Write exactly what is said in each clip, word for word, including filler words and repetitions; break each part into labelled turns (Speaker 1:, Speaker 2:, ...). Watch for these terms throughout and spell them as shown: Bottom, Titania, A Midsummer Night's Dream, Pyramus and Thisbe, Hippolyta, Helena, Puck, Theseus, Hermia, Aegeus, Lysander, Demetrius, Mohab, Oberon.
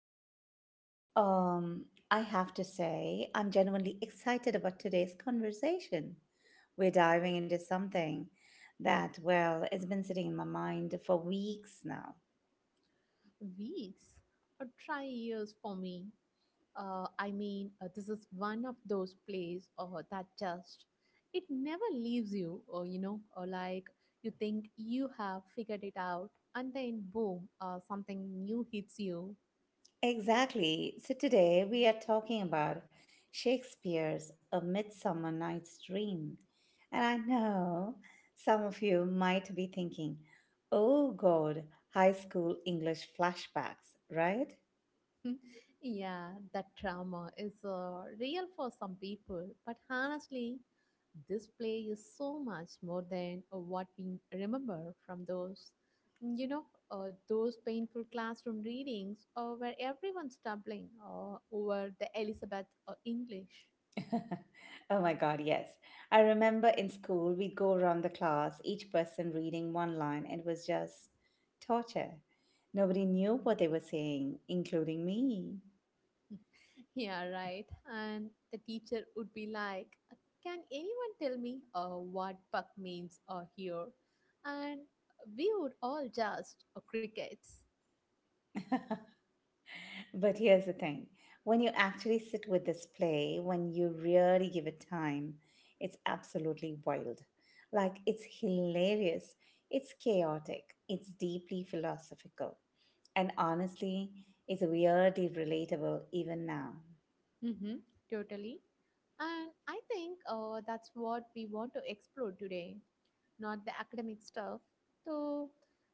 Speaker 1: episode. Um, I have to say, I'm genuinely excited about today's conversation. We're diving into something that, well, it's been sitting in my mind for weeks now.
Speaker 2: Weeks or try years for me. Uh, I mean, uh, this is one of those plays uh, that just it never leaves you, or you know, or like you think you have figured it out, and then boom, uh, something new hits you.
Speaker 1: Exactly. So today we are talking about Shakespeare's A Midsummer Night's Dream. And I know some of you might be thinking, oh God, high school English flashbacks, right?
Speaker 2: Yeah, that trauma is uh, real for some people, but honestly, this play is so much more than uh, what we remember from those, you know, uh, those painful classroom readings uh, where everyone's stumbling uh, over the Elizabeth uh, English.
Speaker 1: Oh my God, yes. I remember in school, we'd go around the class, each person reading one line, and it was just torture. Nobody knew what they were saying, including me.
Speaker 2: Yeah, right. And the teacher would be like, "Can anyone tell me uh, what puck means uh, here?" And we would all just uh, crickets.
Speaker 1: But here's the thing: when you actually sit with this play, when you really give it time, it's absolutely wild. Like, it's hilarious, it's chaotic, it's deeply philosophical, and honestly, it's weirdly relatable even now.
Speaker 2: Mm-hmm, totally. And I think uh, that's what we want to explore today, not the academic stuff. So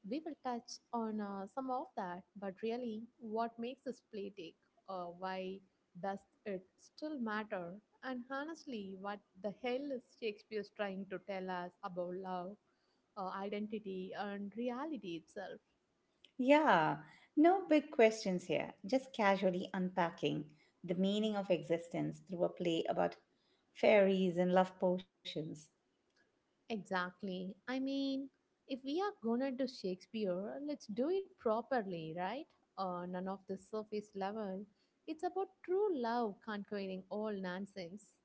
Speaker 2: we will touch on uh, some of that, but really, what makes this play take? Uh, why does it still matter? And honestly, what the hell is Shakespeare trying to tell us about love, uh, identity, and reality itself?
Speaker 1: Yeah, no big questions here. Just casually unpacking the meaning of existence through a play about fairies and love potions.
Speaker 2: Exactly. I mean, if we are gonna do Shakespeare, let's do it properly, right? Uh, none of the surface level. It's about true love conquering all nonsense.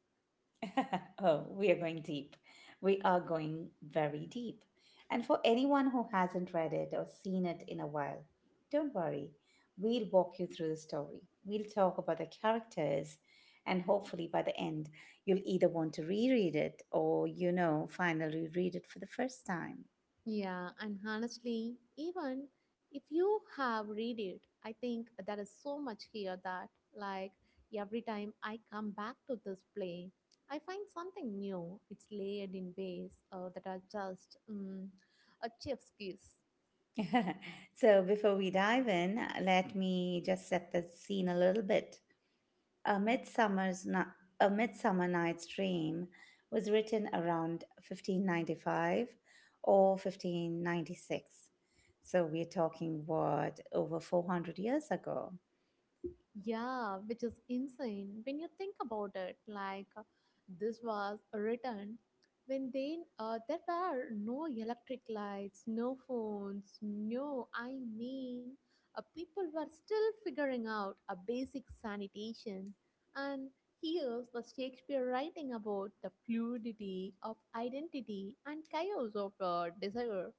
Speaker 1: Oh, we are going deep. We are going very deep. And for anyone who hasn't read it or seen it in a while, don't worry. We'll walk you through the story. We'll talk about the characters, and hopefully by the end, you'll either want to reread it or, you know, finally read it for the first time.
Speaker 2: Yeah, and honestly, even if you have read it, I think there is so much here that, like, every time I come back to this play, I find something new. It's layered in ways uh, that are just um, a chef's kiss.
Speaker 1: So, before we dive in, uh, let me just set the scene a little bit. A Midsummer's Ni- A Midsummer Night's Dream was written around fifteen ninety-five or fifteen ninety-six. So, we're talking what over four hundred years ago.
Speaker 2: Yeah, which is insane when you think about it. Like, uh, this was written when they, uh, there were no electric lights, no phones, no, I mean, uh, people were still figuring out a basic sanitation. And here's the Shakespeare writing about the fluidity of identity and chaos of uh, desire.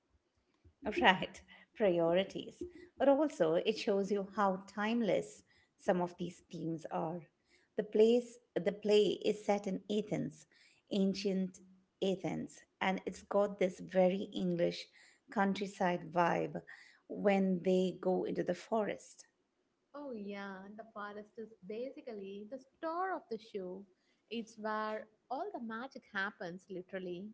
Speaker 1: Right, priorities. But also, it shows you how timeless some of these themes are. The place, the play is set in Athens, ancient Athens, and it's got this very English countryside vibe when they go into the forest,
Speaker 2: Oh, yeah, the forest is basically the star of the show. It's where all the magic happens, literally.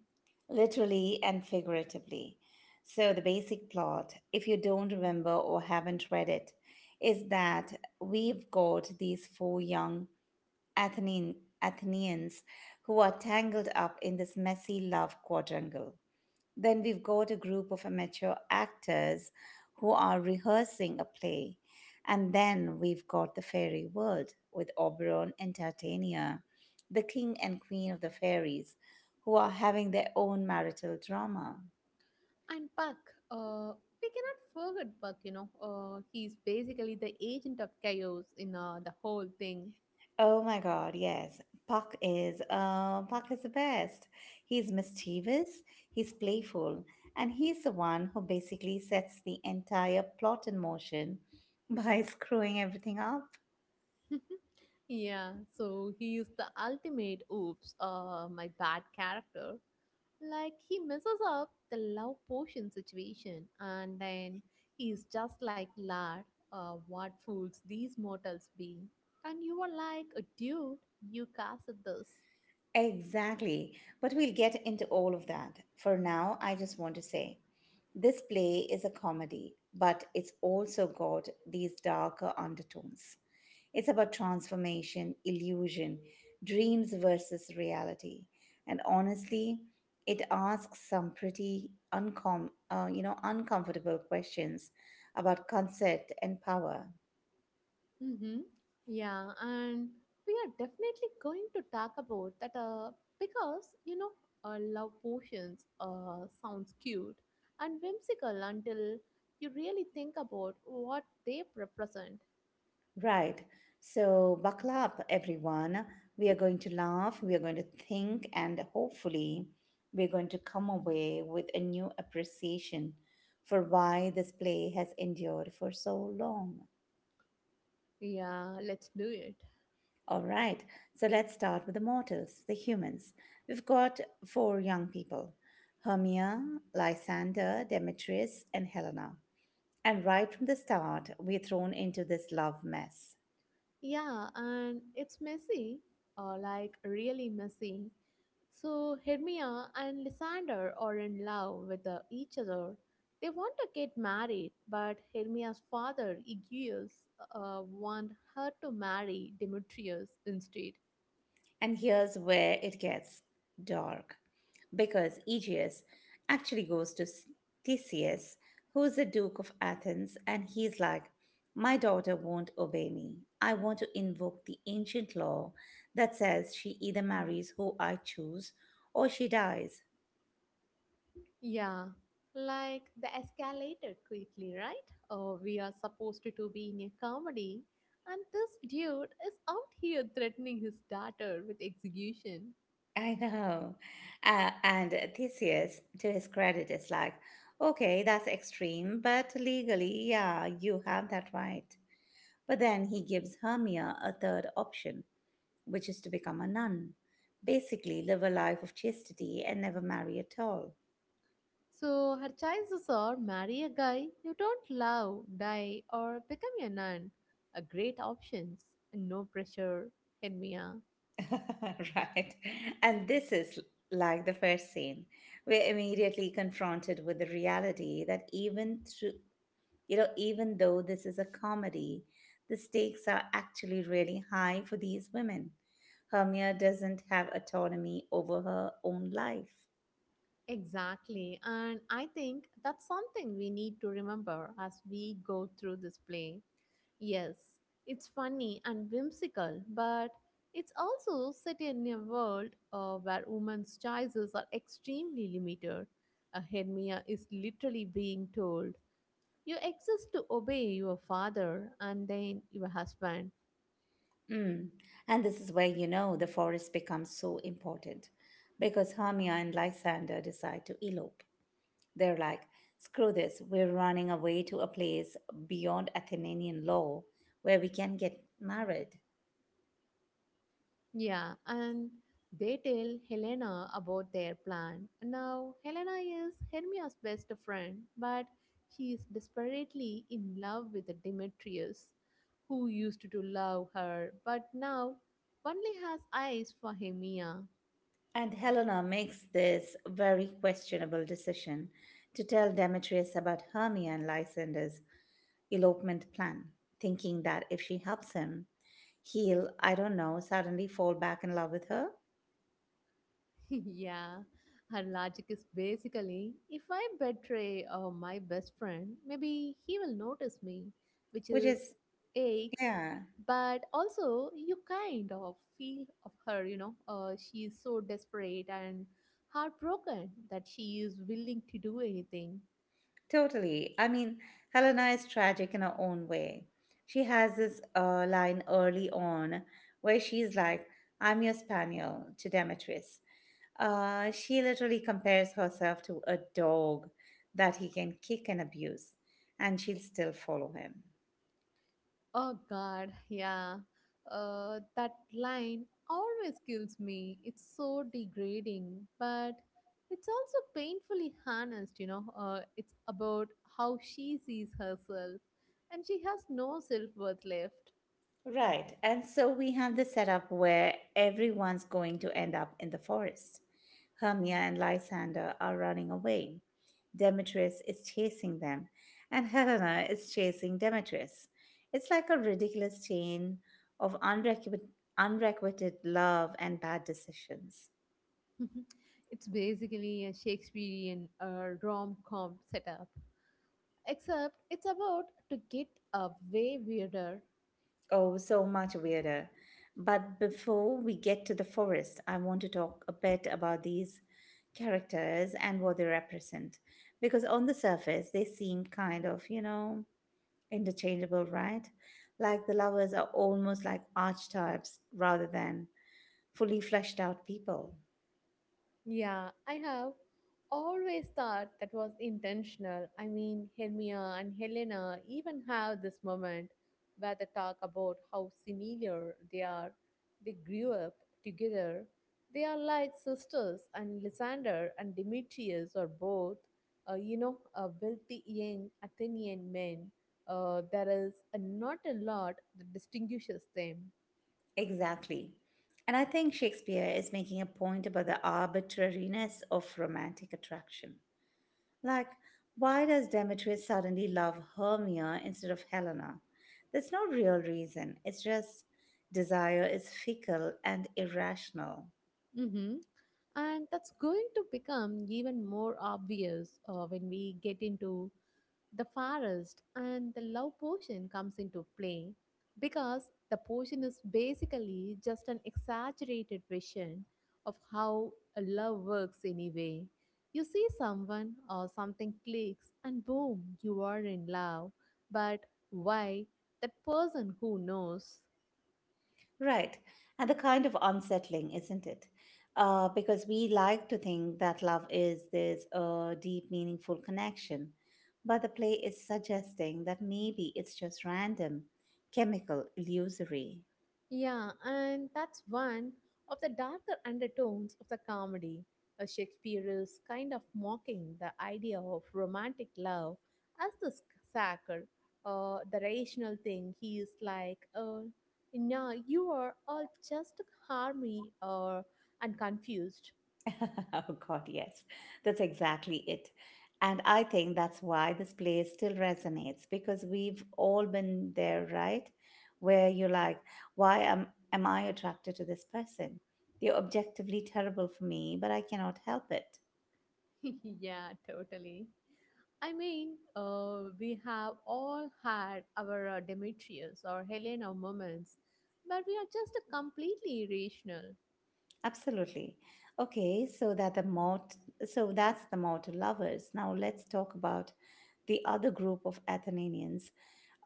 Speaker 1: literally and figuratively. So, the basic plot, if you don't remember or haven't read it, is that we've got these four young Athenian, Athenians who are tangled up in this messy love quadrangle. Then we've got a group of amateur actors who are rehearsing a play. And then we've got the fairy world with Oberon and Titania, the king and queen of the fairies, who are having their own marital drama.
Speaker 2: And Puck, uh, we cannot forget Puck, you know. Uh, He's basically the agent of chaos in uh, the whole thing.
Speaker 1: Oh my God, yes. Puck is uh, Puck is the best. He's mischievous, he's playful, and he's the one who basically sets the entire plot in motion by screwing everything up.
Speaker 2: Yeah, so he is the ultimate oops, uh, my bad character. Like he messes up the love potion situation and then he's just like, "Lad, uh, what fools these mortals be." And you are like, "A dude, you casted this."
Speaker 1: Exactly. But we'll get into all of that. For now, I just want to say this play is a comedy, but it's also got these darker undertones. It's about transformation, illusion, dreams versus reality. And honestly, it asks some pretty uncom- uh, you know, uncomfortable questions about consent and power.
Speaker 2: Mm-hmm. Yeah, and we are definitely going to talk about that uh, because, you know, uh, love potions uh, sounds cute and whimsical until you really think about what they represent.
Speaker 1: Right. So buckle up, everyone. We are going to laugh, we are going to think, and hopefully, we're going to come away with a new appreciation for why this play has endured for so long.
Speaker 2: Yeah, let's do it.
Speaker 1: All right, so let's start with the mortals, the humans. We've got four young people: Hermia, Lysander, Demetrius, and Helena. And right from the start, we're thrown into this love mess.
Speaker 2: Yeah, and it's messy, uh, like really messy. So Hermia and Lysander are in love with uh, each other. They want to get married, but Hermia's father, Aegeus, uh, want her to marry Demetrius instead.
Speaker 1: And here's where it gets dark because Aegeus actually goes to S- Theseus, who's the Duke of Athens, and he's like, My daughter won't obey me. I want to invoke the ancient law that says she either marries who I choose or she dies.
Speaker 2: Yeah, like the escalator quickly, right? Oh, we are supposed to be in a comedy, and this dude is out here threatening his daughter with execution.
Speaker 1: I know. Uh, and Theseus, to his credit, is like, Okay, that's extreme, but legally, yeah, you have that right. But then he gives Hermia a third option, which is to become a nun. Basically, live a life of chastity and never marry at all.
Speaker 2: So her choices are marry a guy you don't love, die, or become a nun. A great options. No pressure, Henmia.
Speaker 1: Right. And this is like the first scene. We're immediately confronted with the reality that even through, you know, even though this is a comedy, the stakes are actually really high for these women. Hermia doesn't have autonomy over her own life.
Speaker 2: Exactly. And I think that's something we need to remember as we go through this play. Yes, it's funny and whimsical, but it's also set in a world uh, where women's choices are extremely limited. A Hermia is literally being told, "You exist to obey your father and then your husband."
Speaker 1: Mm. And this is where you know the forest becomes so important because Hermia and Lysander decide to elope. They're like, screw this, we're running away to a place beyond Athenian law where we can get married.
Speaker 2: Yeah, and they tell Helena about their plan. Now, Helena is Hermia's best friend, but she is desperately in love with Demetrius, who used to love her but now only has eyes for Hermia.
Speaker 1: And Helena makes this very questionable decision to tell Demetrius about Hermia and Lysander's elopement plan, thinking that if she helps him, he'll, I don't know, suddenly fall back in love with her,
Speaker 2: Yeah, her logic is basically if I betray uh, my best friend, maybe he will notice me, which
Speaker 1: which
Speaker 2: is
Speaker 1: is,
Speaker 2: aches,
Speaker 1: yeah.
Speaker 2: but also you kind of feel of her, you know. Uh, She is so desperate and heartbroken that she is willing to do anything.
Speaker 1: Totally. I mean, Helena is tragic in her own way. She has this uh, line early on where she's like, I'm your spaniel to Demetrius. Uh, she literally compares herself to a dog that he can kick and abuse, and she'll still follow him.
Speaker 2: Oh God, yeah. Uh, that line always kills me. It's so degrading, but it's also painfully honest, you know. Uh, It's about how she sees herself, and she has no self worth left.
Speaker 1: Right. And so we have the setup where everyone's going to end up in the forest. Hermia and Lysander are running away. Demetrius is chasing them, and Helena is chasing Demetrius. It's like a ridiculous chain of unrequited, unrequited love and bad decisions.
Speaker 2: It's basically a Shakespearean uh, rom com setup, except it's about to get a way weirder.
Speaker 1: Oh, so much weirder. But before we get to the forest, I want to talk a bit about these characters and what they represent. Because on the surface, they seem kind of, you know, interchangeable, right? Like the lovers are almost like archetypes rather than fully fleshed out people.
Speaker 2: Yeah, I have always thought that was intentional. I mean, Hermia and Helena even have this moment where they talk about how similar they are. They grew up together. They are like sisters, and Lysander and Demetrius are both, uh, you know, uh, wealthy young Athenian men. Uh, there is uh, not a lot that distinguishes them.
Speaker 1: Exactly. And I think Shakespeare is making a point about the arbitrariness of romantic attraction. Like, why does Demetrius suddenly love Hermia instead of Helena? There's no real reason. It's just desire is fickle and irrational.
Speaker 2: Mm-hmm. And that's going to become even more obvious uh, when we get into the forest and the love potion comes into play because the potion is basically just an exaggerated version of how a love works anyway. You see someone or something clicks and boom, you are in love. But why? That person who knows.
Speaker 1: Right. And the kind of unsettling, isn't it? Uh, because we like to think that love is this uh, deep, meaningful connection. But the play is suggesting that maybe it's just random, chemical, illusory.
Speaker 2: Yeah, and that's one of the darker undertones of the comedy. Uh, Shakespeare is kind of mocking the idea of romantic love as the sc- sacred, uh, the rational thing. He is like, uh, no, you are all just harmony or and confused.
Speaker 1: Oh, God, yes. That's exactly it. And I think that's why this place still resonates because we've all been there, right? Where you're like, why am, am I attracted to this person? They're objectively terrible for me, but I cannot help it.
Speaker 2: Yeah, totally. I mean, uh, we have all had our uh, Demetrius or Helena moments, but we are just completely irrational.
Speaker 1: Absolutely. Okay, so that the mort, so that's the mortal lovers. Now let's talk about the other group of Athenians,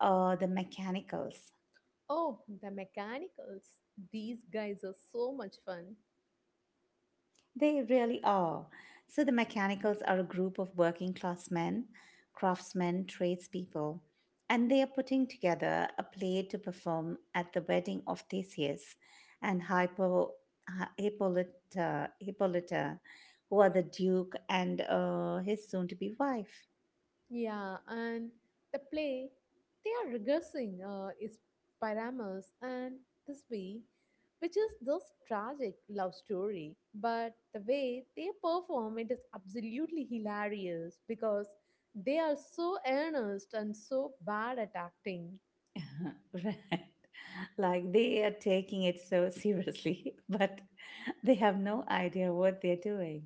Speaker 1: uh, the mechanicals.
Speaker 2: Oh, the mechanicals. These guys are so much fun.
Speaker 1: They really are. So the mechanicals are a group of working class men, craftsmen, tradespeople, and they are putting together a play to perform at the wedding of Theseus and Hippo, Hi- Hippolyta, Hippolyta, who are the duke and uh, his soon to be wife.
Speaker 2: Yeah, and the play they are regressing uh, is Pyramus and Thisbe, which is this tragic love story. But the way they perform it is absolutely hilarious because they are so earnest and so bad at acting.
Speaker 1: Right, like they are taking it so seriously, but they have no idea what they're doing.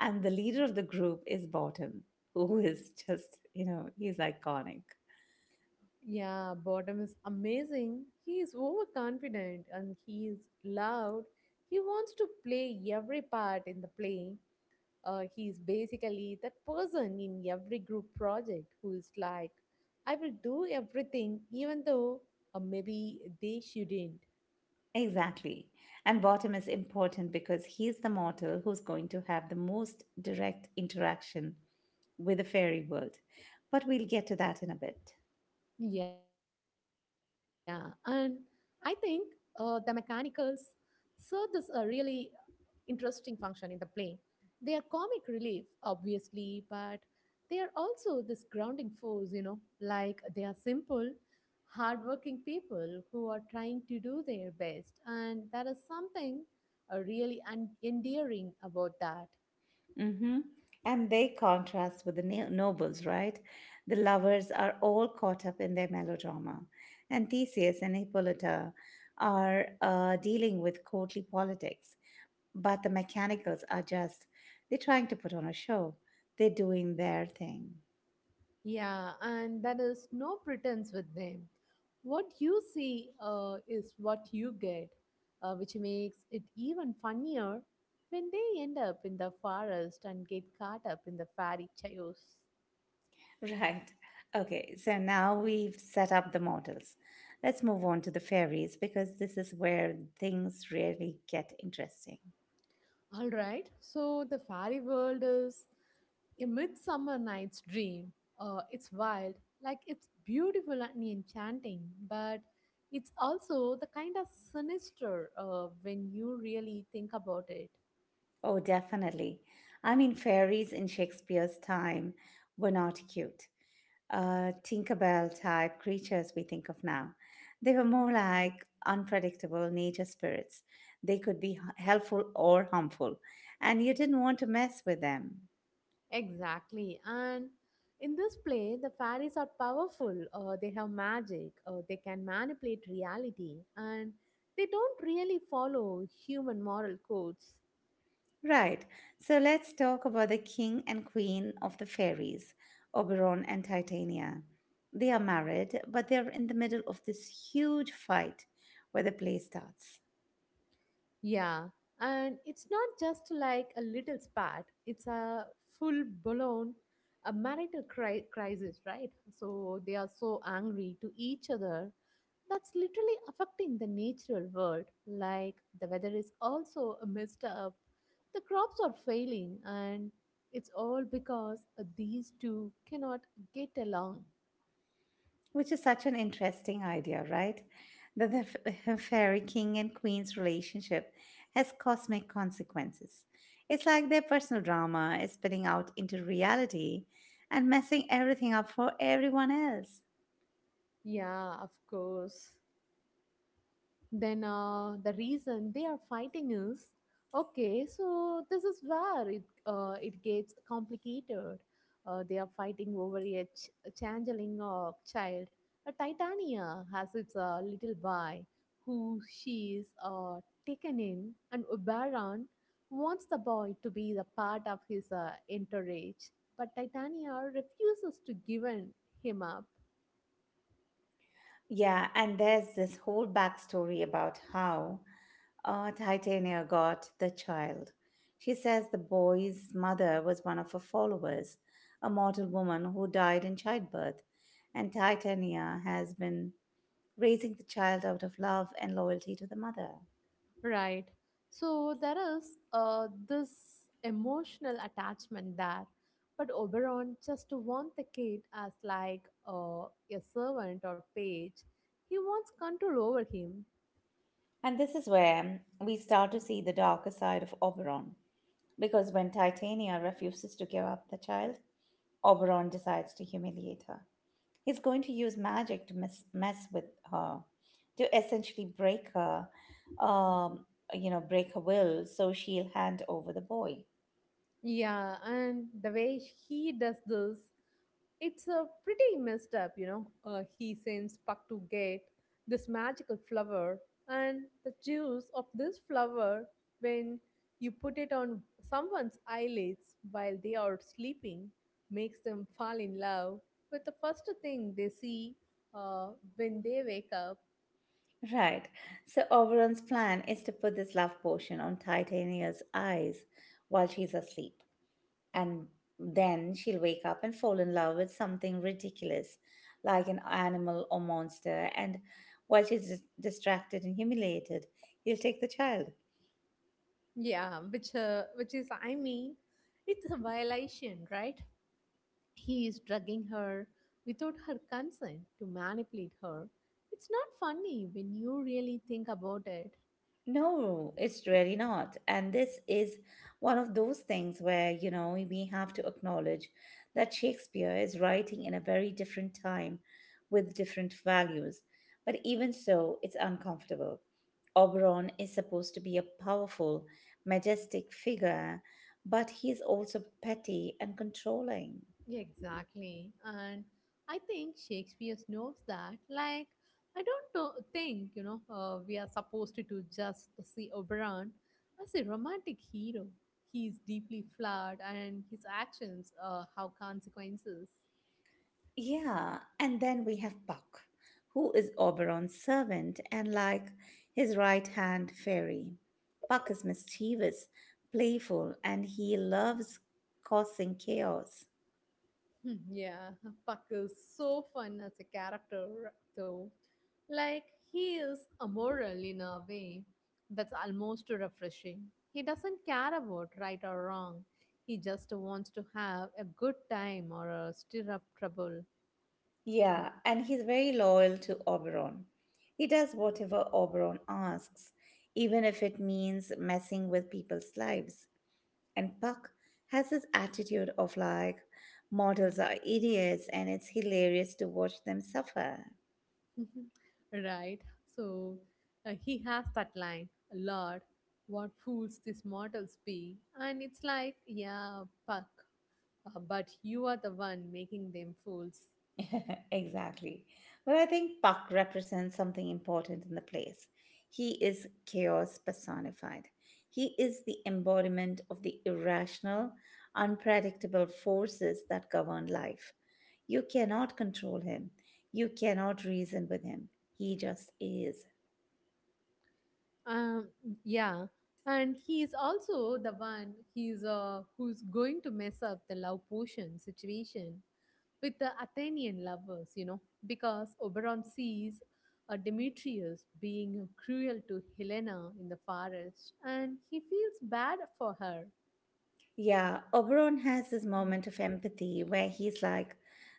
Speaker 1: And the leader of the group is Bottom, who is just, you know he's iconic.
Speaker 2: Yeah, Bottom is amazing. He is overconfident and he is loud. He wants to play every part in the play. Uh, he's basically that person in every group project who is like, "I will do everything," even though uh, maybe they shouldn't.
Speaker 1: Exactly. And Bottom is important because he's the mortal who's going to have the most direct interaction with the fairy world, but we'll get to that in a bit.
Speaker 2: Yeah, and I think uh, the mechanicals saw this uh, really interesting function in the play. They are comic relief, obviously, but they are also this grounding force, you know, like they are simple, hardworking people who are trying to do their best. And there is something uh, really un- endearing about that.
Speaker 1: Mm-hmm. And they contrast with the no- nobles, right? The lovers are all caught up in their melodrama, and Theseus and Hippolyta are uh, dealing with courtly politics, but the mechanicals are just, they're trying to put on a show. They're doing their thing.
Speaker 2: Yeah, and there is no pretense with them. What you see uh, is what you get, uh, which makes it even funnier when they end up in the forest and get caught up in the fairy chaos.
Speaker 1: Right. Okay, so now we've set up the models. Let's move on to the fairies because this is where things really get interesting.
Speaker 2: All right, so the fairy world is A Midsummer Night's Dream. Uh, it's wild, like it's beautiful and enchanting, but it's also the kind of sinister uh, when you really think about it.
Speaker 1: Oh, definitely. I mean, fairies in Shakespeare's time were not cute, uh, Tinkerbell type creatures we think of now. They were more like unpredictable nature spirits. They could be h- helpful or harmful, and you didn't want to mess with them.
Speaker 2: Exactly. And in this play, the fairies are powerful, uh, they have magic, uh, they can manipulate reality, and they don't really follow human moral codes.
Speaker 1: Right. So let's talk about the king and queen of the fairies, Oberon and Titania. They are married, but they're in the middle of this huge fight where the play starts,
Speaker 2: Yeah. And it's not just like a little spat, it's a full blown a marital cri- crisis, right? So they are so angry to each other that's literally affecting the natural world. Like the weather is also messed up, the crops are failing, and it's all because uh, these two cannot get along.
Speaker 1: which is such an interesting idea, right? That the f- fairy king and queen's relationship has cosmic consequences. It's like their personal drama is spilling out into reality and messing everything up for everyone else.
Speaker 2: Yeah, of course. Then uh, the reason they are fighting is, okay, so this is where it uh, it gets complicated uh, they are fighting over a, ch- a changeling uh, child. A Titania has its uh, little boy who she is uh, taken in, and Oberon wants the boy to be the part of his uh, entourage, but Titania refuses to give in- him up.
Speaker 1: Yeah, and there's this whole backstory about how uh, Titania got the child. She says the boy's mother was one of her followers, a mortal woman who died in childbirth, and Titania has been raising the child out of love and loyalty to the mother.
Speaker 2: Right. So there is uh, this emotional attachment there. But Oberon just wants the kid as like uh, a servant or page. He wants control over him.
Speaker 1: And this is where we start to see the darker side of Oberon, because when Titania refuses to give up the child, Oberon decides to humiliate her. He's going to use magic to mess, mess with her, to essentially break her, um, you know, break her will so she'll hand over the boy.
Speaker 2: Yeah, and the way he does this, it's a pretty messed up, you know. Uh, he sends Puck to get this magical flower, and the juice of this flower, when you put it on someone's eyelids while they are sleeping, makes them fall in love with the first thing they see uh, when they wake up.
Speaker 1: Right. So Oberon's plan is to put this love potion on Titania's eyes while she's asleep. And then she'll wake up and fall in love with something ridiculous, like an animal or monster. And while she's dis- distracted and humiliated, he'll take the child.
Speaker 2: Yeah, which uh, which is, I mean, it's a violation, right? He is drugging her without her consent to manipulate her. It's not funny when you really think about it.
Speaker 1: No, it's really not. And this is one of those things where, you know, we have to acknowledge that Shakespeare is writing in a very different time with different values. But even so, it's uncomfortable. Oberon is supposed to be a powerful, majestic figure, but he's also petty and controlling.
Speaker 2: Exactly. And I think Shakespeare knows that. Like, I don't know, think, you know, uh, we are supposed to just see Oberon as a romantic hero. He is deeply flawed and his actions uh, have consequences.
Speaker 1: Yeah, and then we have Puck, who is Oberon's servant and like his right hand fairy. Puck is mischievous, playful, and he loves causing chaos.
Speaker 2: Hmm, yeah, Puck is so fun as a character, though. Like, he is amoral in a way that's almost refreshing. He doesn't care about right or wrong, he just wants to have a good time or uh, stir up trouble.
Speaker 1: Yeah, and he's very loyal to Oberon. He does whatever Oberon asks, even if it means messing with people's lives. And Puck has this attitude of like, mortals are idiots, and it's hilarious to watch them suffer.
Speaker 2: Right? So, uh, he has that line, "Lord, what fools these mortals be." And it's like, yeah, Puck, uh, but you are the one making them fools.
Speaker 1: Exactly. But I think Puck represents something important in the place. He is chaos personified. He is the embodiment of the irrational, unpredictable forces that govern life. You cannot control him. You cannot reason with him. He just is.
Speaker 2: Um, yeah, and he is also the one he's uh, who's going to mess up the love potion situation with the Athenian lovers, you know, because Oberon sees uh, Demetrius being cruel to Helena in the forest, and he feels bad for her.
Speaker 1: Yeah, Oberon has this moment of empathy where he's like,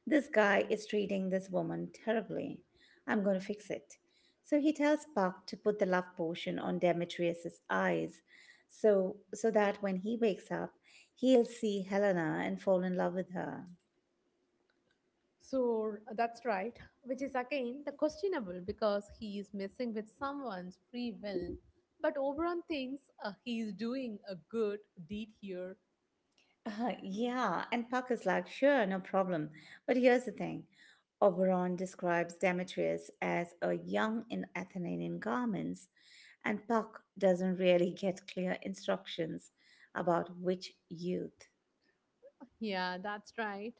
Speaker 1: this guy is treating this woman terribly. I'm going to fix it. So he tells Puck to put the love potion on Demetrius's eyes so so that when he wakes up, he'll see Helena and fall in love with her.
Speaker 2: So that's right, which is again the questionable because he is messing with someone's free will. But Oberon thinks uh, he is doing a good deed here.
Speaker 1: Uh, yeah, and Puck is like, sure, no problem. But here's the thing, Oberon describes Demetrius as a young in Athenian garments, and Puck doesn't really get clear instructions about which youth.
Speaker 2: Yeah, that's right.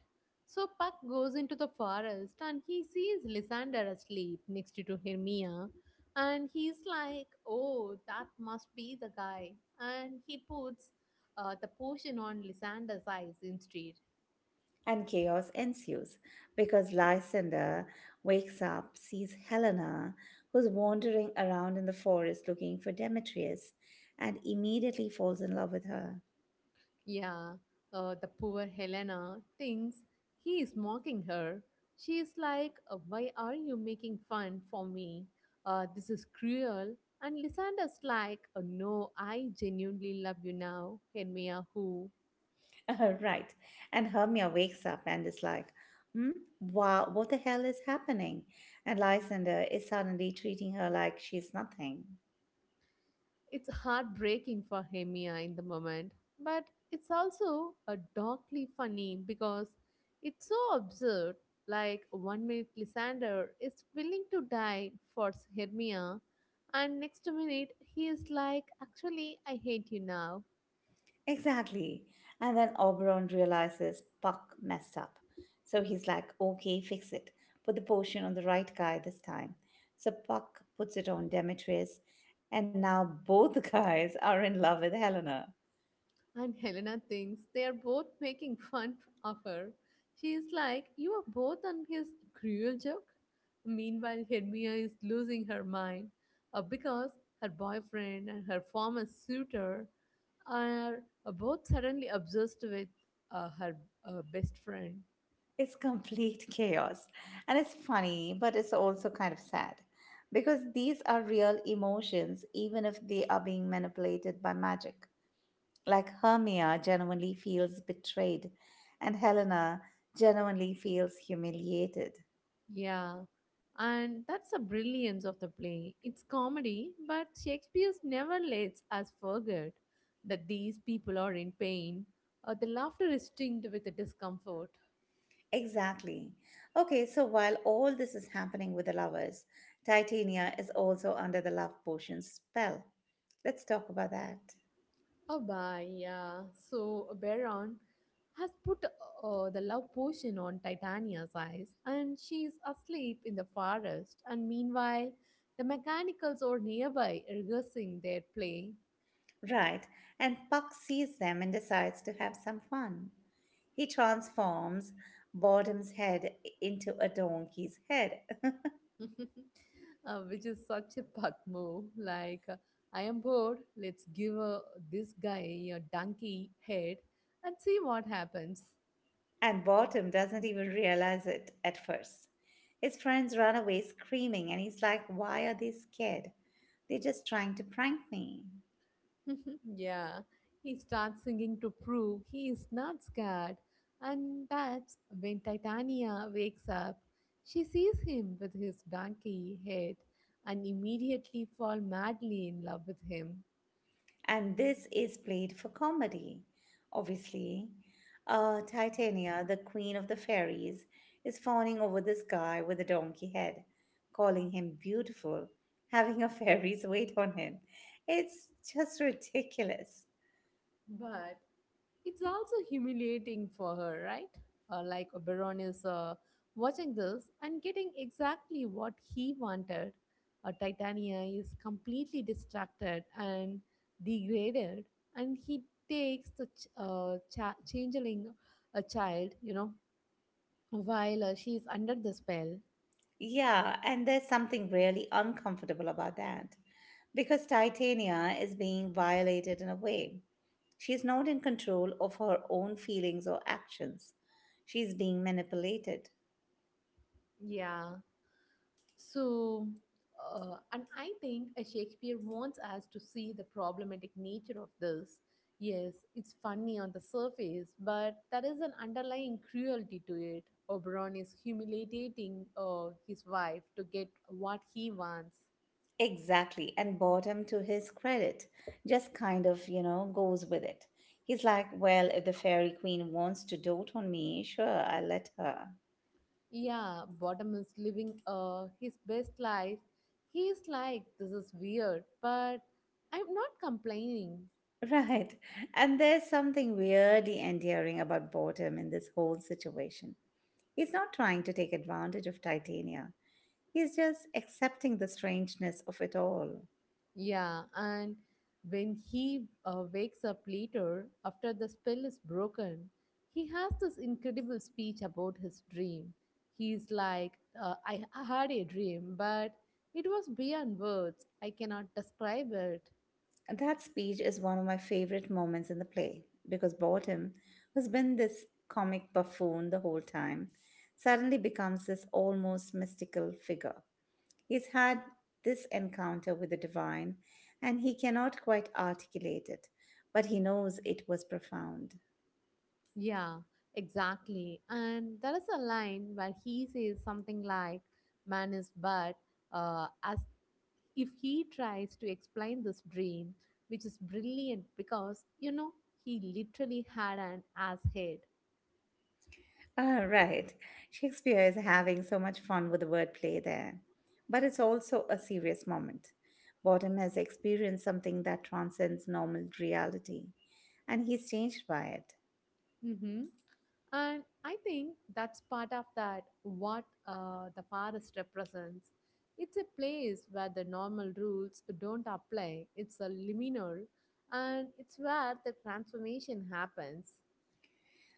Speaker 2: So Puck goes into the forest and he sees Lysander asleep next to Hermia. And he's like, oh, that must be the guy. And he puts uh, the potion on Lysander's eyes instead.
Speaker 1: And chaos ensues because Lysander wakes up, sees Helena, who's wandering around in the forest looking for Demetrius, and immediately falls in love with her.
Speaker 2: Yeah, uh, the poor Helena thinks he is mocking her. She is like, "Uh, Why are you making fun for me? Uh, this is cruel." And Lysander's like, "Uh, No, I genuinely love you now, Hermia," who
Speaker 1: Right. And Hermia wakes up and is like, hmm, wow, what the hell is happening? And Lysander is suddenly treating her like she's nothing.
Speaker 2: it's heartbreaking for Hemia in the moment, but it's also a darkly funny because it's so absurd. Like one minute Lysander is willing to die for Hermia, and next minute he is like, "Actually, I hate you now."
Speaker 1: Exactly. And then Oberon realizes Puck messed up. So he's like, okay, fix it. Put the potion on the right guy this time. So Puck puts it on Demetrius, and now both guys are in love with Helena.
Speaker 2: And Helena thinks they are both making fun of her. She is like, "You are both on his cruel joke." Meanwhile, Hermia is losing her mind uh, because her boyfriend and her former suitor are uh, both suddenly obsessed with uh, her uh, best friend.
Speaker 1: It's complete chaos. And it's funny, but it's also kind of sad because these are real emotions, even if they are being manipulated by magic. Like Hermia genuinely feels betrayed, and Helena genuinely feels humiliated.
Speaker 2: Yeah, and that's the brilliance of the play. It's comedy, but Shakespeare never lets us forget that these people are in pain. Uh, the laughter is tinged with the discomfort.
Speaker 1: Exactly. Okay, so while all this is happening with the lovers, Titania is also under the love potion spell. Let's talk about that.
Speaker 2: Oh, bye, yeah. So, Baron has put uh, the love potion on Titania's eyes, and she is asleep in the forest. And meanwhile, the mechanicals are nearby rehearsing their play.
Speaker 1: Right, and Puck sees them and decides to have some fun. He transforms Bottom's head into a donkey's head.
Speaker 2: uh, which is such a puck move. Like, uh, I am bored. Let's give uh, this guy a donkey head and see what happens.
Speaker 1: And Bottom doesn't even realize it at first. His friends run away screaming, and he's like, why are they scared? They're just trying to prank me.
Speaker 2: yeah, he starts singing to prove he is not scared. And that's when Titania wakes up. She sees him with his donkey head and immediately fall madly in love with him.
Speaker 1: And this is played for comedy. Obviously, uh, Titania, the queen of the fairies, is fawning over this guy with a donkey head, calling him beautiful, having a fairy's weight on him. It's just ridiculous.
Speaker 2: But it's also humiliating for her, right? Uh, like Oberon is uh, watching this and getting exactly what he wanted. Uh, Titania is completely distracted and degraded, and he takes the ch- uh, cha- changeling, a child, you know, while uh, she's under the spell.
Speaker 1: Yeah, and there's something really uncomfortable about that because Titania is being violated in a way. She's not in control of her own feelings or actions. She's being manipulated.
Speaker 2: Yeah. So, uh, and I think uh, Shakespeare wants us to see the problematic nature of this. Yes, it's funny on the surface, but there is an underlying cruelty to it. Oberon is humiliating uh, his wife to get what he wants.
Speaker 1: Exactly. And boredom, to his credit, just kind of, you know, goes with it. He's like, well, if the fairy queen wants to dote on me, sure, I'll let her.
Speaker 2: Yeah, Bottom is living uh, his best life. He is like, this is weird, but I'm not complaining.
Speaker 1: Right. And there's something weirdly endearing about boredom in this whole situation. He's not trying to take advantage of Titania, he's just accepting the strangeness of it all.
Speaker 2: Yeah, and when he uh, wakes up later after the spell is broken, he has this incredible speech about his dream. He's like, uh, I I had a dream, but it was beyond words. I cannot describe it.
Speaker 1: That speech is one of my favorite moments in the play because Bottom, who's been this comic buffoon the whole time, suddenly becomes this almost mystical figure. He's had this encounter with the divine and he cannot quite articulate it, but he knows it was profound.
Speaker 2: Yeah, exactly. And there is a line where he says something like, "Man is but uh, as," if he tries to explain this dream, which is brilliant because, you know, he literally had an ass head.
Speaker 1: Ah, right. Shakespeare is having so much fun with the wordplay there. But it's also a serious moment. Bottom has experienced something that transcends normal reality, and he's changed by it.
Speaker 2: Hmm. And I think that's part of that, what uh, the forest represents. It's a place where the normal rules don't apply, it's a liminal, and it's where the transformation happens.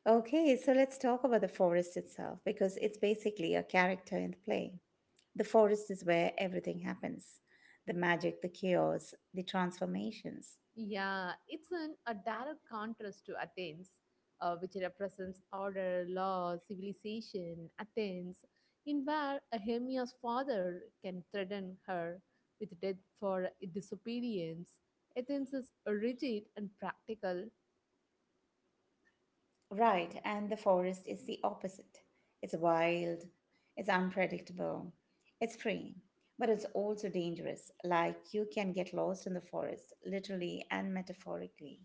Speaker 1: Okay, so let's talk about the forest itself because it's basically a character in the play. The forest is where everything happens: the magic, the chaos, the transformations.
Speaker 2: Yeah, it's an, a direct contrast to Athens, uh, which represents order, law, civilization. Athens, in where a Hermia's father can threaten her with death for disobedience. Athens is rigid and practical.
Speaker 1: Right, and the forest is the opposite. It's wild, it's unpredictable, it's free, but it's also dangerous. Like you can get lost in the forest, literally and metaphorically.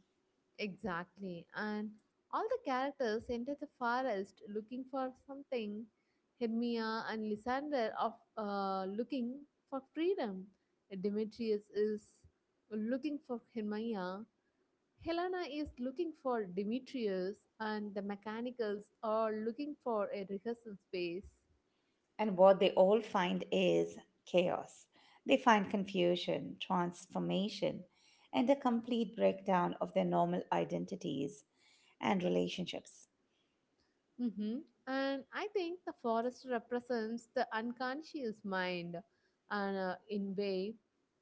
Speaker 2: Exactly. And all the characters enter the forest looking for something. Hermia and Lysander are uh, looking for freedom. Demetrius is looking for Hermia. Helena is looking for Demetrius. And the mechanicals are looking for a rehearsal space.
Speaker 1: And what they all find is chaos. They find confusion, transformation, and a complete breakdown of their normal identities and relationships.
Speaker 2: Hmm. And I think the forest represents the unconscious mind, and uh, in way,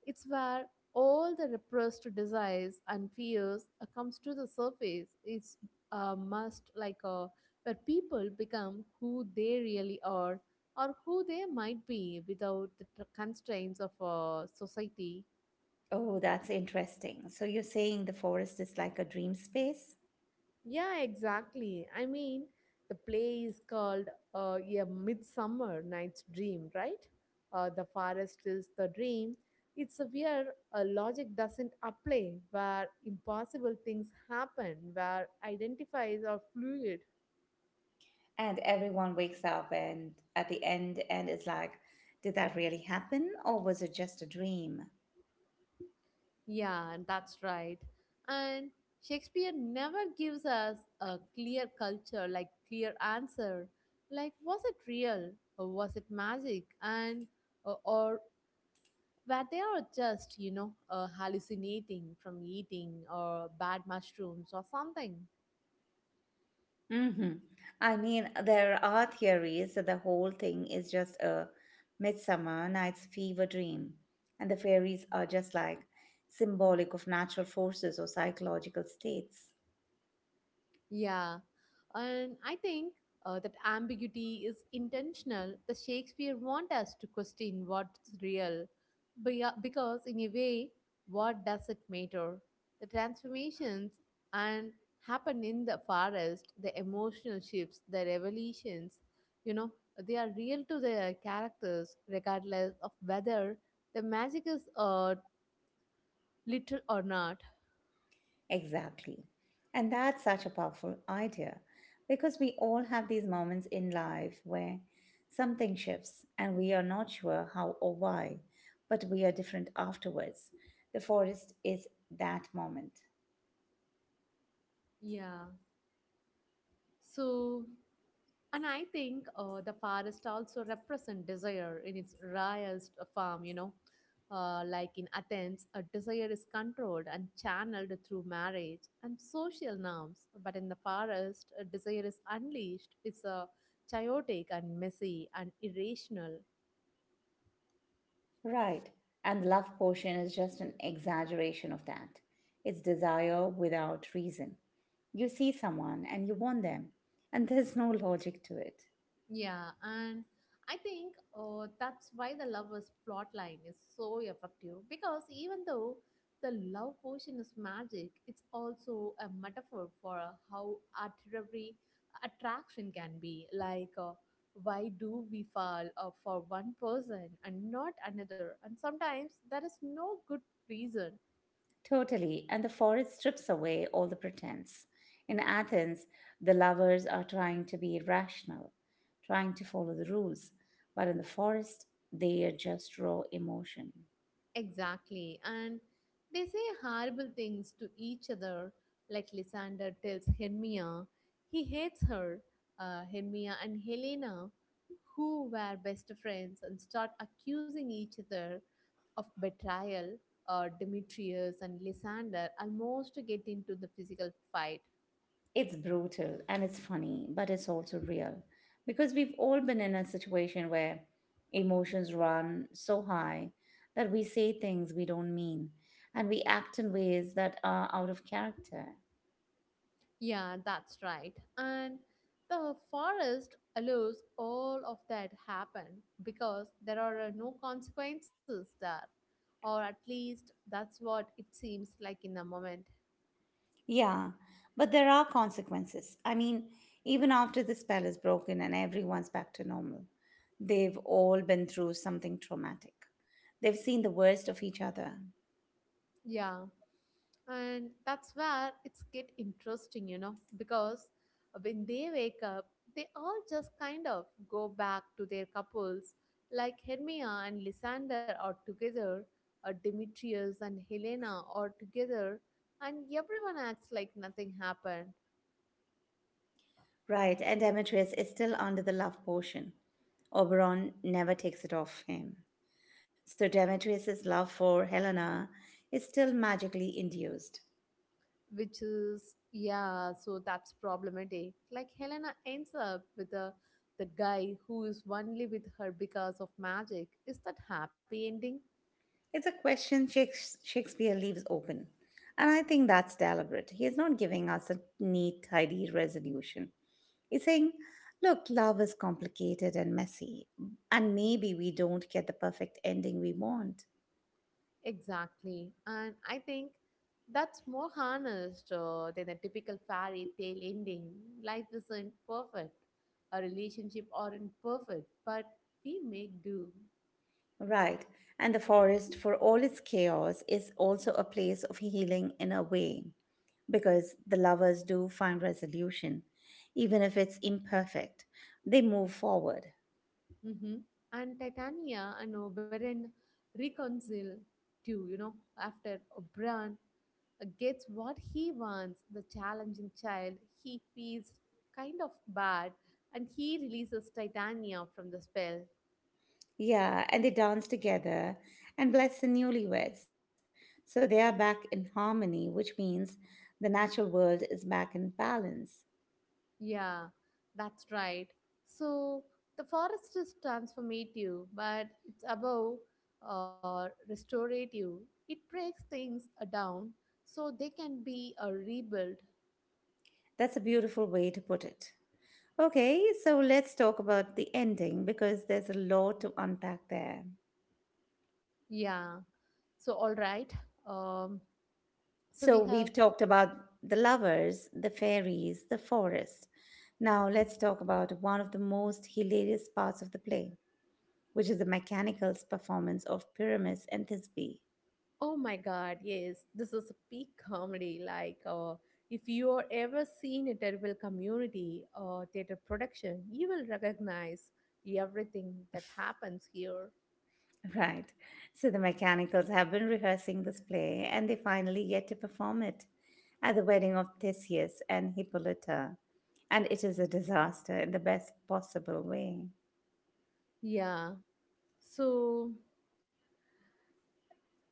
Speaker 2: it's where all the repressed desires and fears uh, comes to the surface. It's uh must like uh, where people become who they really are or who they might be without the tr- constraints of uh, society.
Speaker 1: Oh, that's interesting. So you're saying the forest is like a dream space?
Speaker 2: Yeah, exactly. I mean, the play is called uh, A Midsummer Night's Dream, right? Uh, the forest is the dream. It's where uh, logic doesn't apply, where impossible things happen, where identifies are fluid.
Speaker 1: And everyone wakes up and at the end and is like, did that really happen or was it just a dream?
Speaker 2: Yeah, that's right. And Shakespeare never gives us a clear culture, like clear answer. Like, was it real? Or was it magic? And or, or where they are just, you know, uh, hallucinating from eating or bad mushrooms or something.
Speaker 1: hmm I mean, there are theories that the whole thing is just a midsummer night's fever dream and the fairies are just like symbolic of natural forces or psychological states.
Speaker 2: Yeah, and I think uh, that ambiguity is intentional. The Shakespeare want us to question what's real, be- because in a way, what does it matter? The transformations and happen in the forest, the emotional shifts, the revelations. You know, they are real to their characters, regardless of whether the magic is uh, literal or not.
Speaker 1: Exactly. And that's such a powerful idea because we all have these moments in life where something shifts and we are not sure how or why, but we are different afterwards. The forest is that moment.
Speaker 2: Yeah. So, and I think uh, the forest also represent desire in its rawest form, you know. Uh, like in Athens, a desire is controlled and channeled through marriage and social norms. But in the forest, a desire is unleashed. It's a chaotic and messy and irrational.
Speaker 1: Right. And the love portion is just an exaggeration of that. It's desire without reason. You see someone and you want them, and there's no logic to it.
Speaker 2: Yeah, and I think uh, that's why the lover's plot line is so effective because even though the love potion is magic, it's also a metaphor for uh, how arbitrary attraction can be. Like, uh, why do we fall uh, for one person and not another? And sometimes there is no good reason.
Speaker 1: Totally, and the forest strips away all the pretense. In Athens, the lovers are trying to be rational, trying to follow the rules, but in the forest, they are just raw emotion.
Speaker 2: Exactly. And they say horrible things to each other, like Lysander tells Hermia he hates her. Uh, Hermia and Helena, who were best friends, and start accusing each other of betrayal. Uh, Demetrius and Lysander almost get into the physical fight.
Speaker 1: It's brutal and it's funny, but it's also real because we've all been in a situation where emotions run so high that we say things we don't mean and we act in ways that are out of character.
Speaker 2: Yeah, that's right. And the forest allows all of that happen because there are uh, no consequences there. Or at least that's what it seems like in the moment.
Speaker 1: Yeah, but there are consequences. I mean, even after the spell is broken and everyone's back to normal, they've all been through something traumatic. They've seen the worst of each other.
Speaker 2: Yeah. And that's where it's get interesting, you know, because when they wake up, they all just kind of go back to their couples, like Hermia and Lysander are together, or Demetrius and Helena are together, and everyone acts like nothing happened,
Speaker 1: Right, and Demetrius is still under the love potion. Oberon never takes it off him. So Demetrius's love for Helena is still magically induced.
Speaker 2: which is yeah, so that's problematic. Like Helena ends up with a the guy who is only with her because of magic. Is that happy ending?
Speaker 1: It's a question Shakes- Shakespeare leaves open. And I think that's deliberate. He is not giving us a neat, tidy resolution. He's saying, look, love is complicated and messy, and maybe we don't get the perfect ending we want.
Speaker 2: Exactly. And I think that's more honest uh, than the typical fairy tale ending. Life isn't perfect. A relationship aren't perfect, but we make do.
Speaker 1: Right. And the forest, for all its chaos, is also a place of healing in a way, because the lovers do find resolution, even if it's imperfect. They move forward.
Speaker 2: Hmm. And Titania and Oberon reconcile too, you know, after Oberon gets what he wants, the challenging child, he feels kind of bad and he releases Titania from the spell.
Speaker 1: Yeah, and they dance together and bless the newlyweds. So they are back in harmony, which means the natural world is back in balance.
Speaker 2: Yeah, that's right. So the forest is transformative, but it's above uh, restorative. It breaks things uh, down so they can be uh, rebuilt.
Speaker 1: That's a beautiful way to put it. Okay, so let's talk about the ending because there's a lot to unpack there.
Speaker 2: Yeah. So all right. Um,
Speaker 1: So
Speaker 2: so we
Speaker 1: we've
Speaker 2: have.
Speaker 1: talked about the lovers, the fairies, the forest. Now let's talk about one of the most hilarious parts of the play, which is the mechanical's performance of Pyramus and Thisbe.
Speaker 2: Oh my God! Yes, this is a peak comedy. Like, uh, if you are ever seen a terrible community or theater production, you will recognize everything that happens here.
Speaker 1: Right. So the mechanicals have been rehearsing this play and they finally get to perform it at the wedding of Theseus and Hippolyta. And it is a disaster in the best possible way.
Speaker 2: Yeah. So,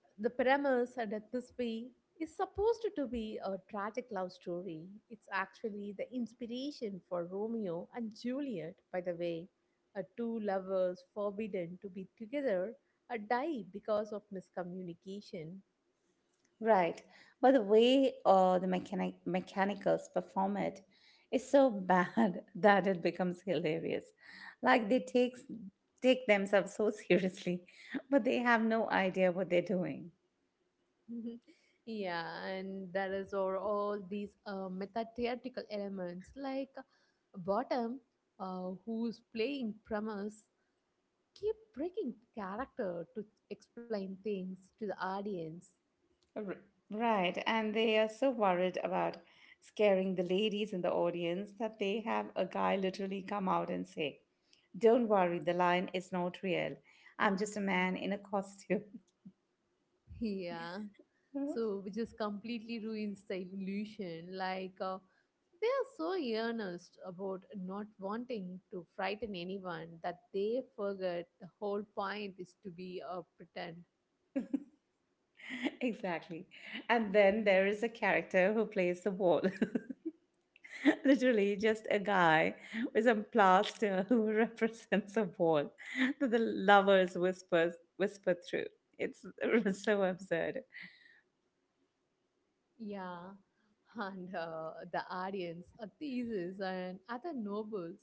Speaker 2: the premise and Death This Way is supposed to be a tragic love story. It's actually the inspiration for Romeo and Juliet, by the way. Uh, two lovers forbidden to be together uh, die because of miscommunication.
Speaker 1: Right. But the way uh, the mechanic- mechanicals perform it is so bad that it becomes hilarious. Like they takes, take themselves so seriously, but they have no idea what they're doing.
Speaker 2: yeah, and there is or all these uh, meta theatrical elements like uh, Bottom, uh, who's playing Pramas keep breaking character to explain things to the audience.
Speaker 1: R- Right, and they are so worried about scaring the ladies in the audience that they have a guy literally come out and say, don't worry, the lion is not real. I'm just a man in a costume.
Speaker 2: Yeah. So, which just completely ruins the illusion. Like, uh, they are so earnest about not wanting to frighten anyone that they forget the whole point is to be a pretend.
Speaker 1: Exactly. And then there is a character who plays the wall. Literally, just a guy with some plaster who represents a wall that the lovers whispers whisper through. It's so absurd.
Speaker 2: Yeah, and uh, the Aryans, uh, Theses, and other nobles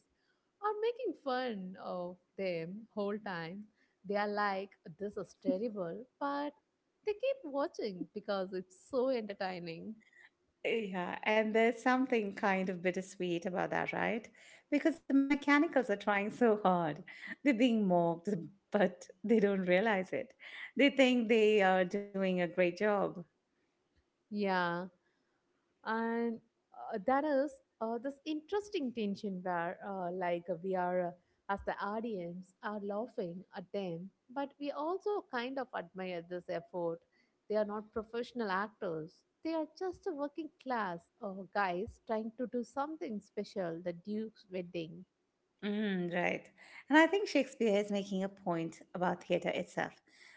Speaker 2: are making fun of them whole time. They are like, "This is terrible," but they keep watching because it's so entertaining.
Speaker 1: Yeah, and there's something kind of bittersweet about that, right? Because the mechanicals are trying so hard. They're being mocked, but they don't realize it. They think they are doing a great job.
Speaker 2: Yeah, and uh, that is uh, this interesting tension where uh, like uh, we are uh, as the audience are laughing at them, but we also kind of admire this effort. They are not professional actors, they are just a working class uh, guys trying to do something special the duke's wedding.
Speaker 1: Mm, right. And I think Shakespeare is making a point about theatre itself.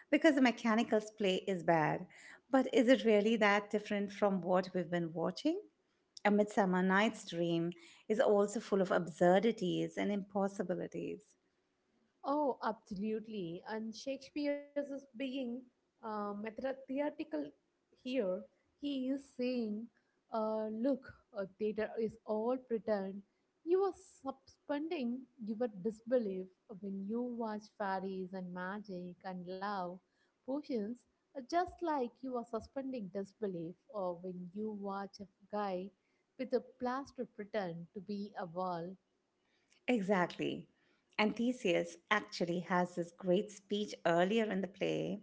Speaker 1: Because the mechanicals play is bad, but is it really that different from what we've been watching? A Midsummer Night's Dream is also full of absurdities and impossibilities.
Speaker 2: Oh, absolutely. And Shakespeare's is being uh, method- theatrical here. He is saying, uh, look, uh, theater is all pretend. You are suspending your disbelief when you watch fairies and magic and love potions, uh, just like you are suspending disbelief or when you watch a guy with a plaster pretend to be a wall.
Speaker 1: Exactly. And Theseus actually has this great speech earlier in the play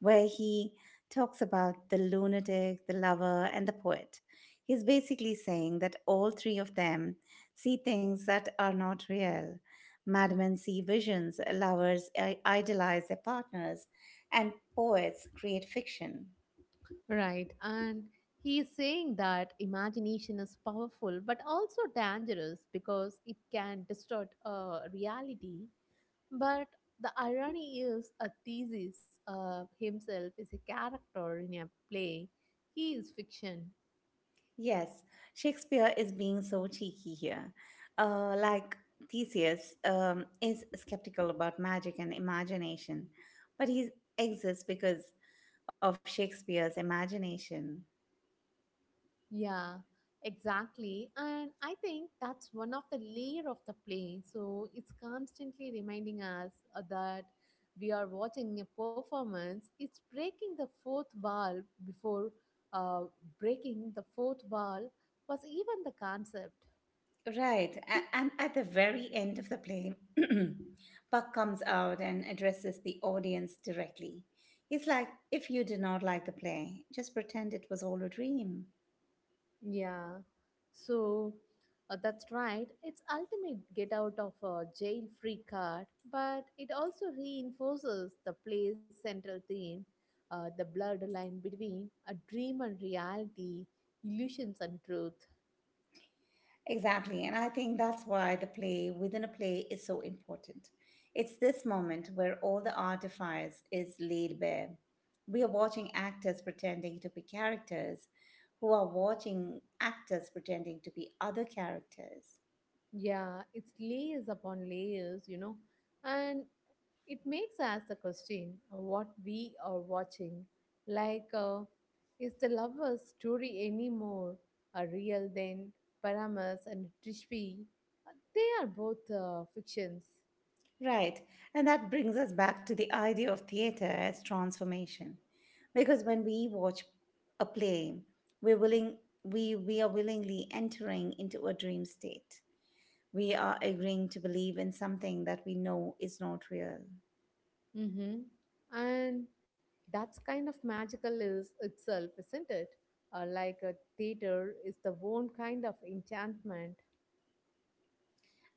Speaker 1: where he talks about the lunatic, the lover, and the poet. He's basically saying that all three of them see things that are not real. Madmen see visions, lovers i- idolize their partners, and poets create fiction.
Speaker 2: Right. And he is saying that imagination is powerful but also dangerous because it can distort uh, reality. But the irony is, a thesis uh, himself is a character in a play. He is fiction.
Speaker 1: Yes, Shakespeare is being so cheeky here. Uh, like Theseus um, is skeptical about magic and imagination, but he exists because of Shakespeare's imagination.
Speaker 2: Yeah, exactly. And I think that's one of the layer of the play. So it's constantly reminding us uh, that we are watching a performance. It's breaking the fourth wall before uh, breaking the fourth wall was even the concept.
Speaker 1: Right, a- and at the very end of the play, Puck comes out and addresses the audience directly. He's like, if you do not like the play, just pretend it was all a dream.
Speaker 2: Yeah, so uh, that's right. It's ultimate get out of a jail free card, but it also reinforces the play's central theme, uh, the blurred line between a dream and reality, illusions and truth.
Speaker 1: Exactly. And I think that's why the play within a play is so important. It's this moment where all the artifice is laid bare. We are watching actors pretending to be characters who are watching actors pretending to be other characters.
Speaker 2: Yeah, it's layers upon layers, you know, and it makes us the question uh, what we are watching. Like, uh, is the lover's story any more uh, real than Paramas and Trishpi? Uh, They are both uh, fictions.
Speaker 1: Right. And that brings us back to the idea of theater as transformation. Because when we watch a play, we're willing we we are willingly entering into a dream state. We are agreeing to believe in something that we know is not real.
Speaker 2: Hmm. And that's kind of magical is itself, isn't it? Uh, like a theater is the own kind of enchantment.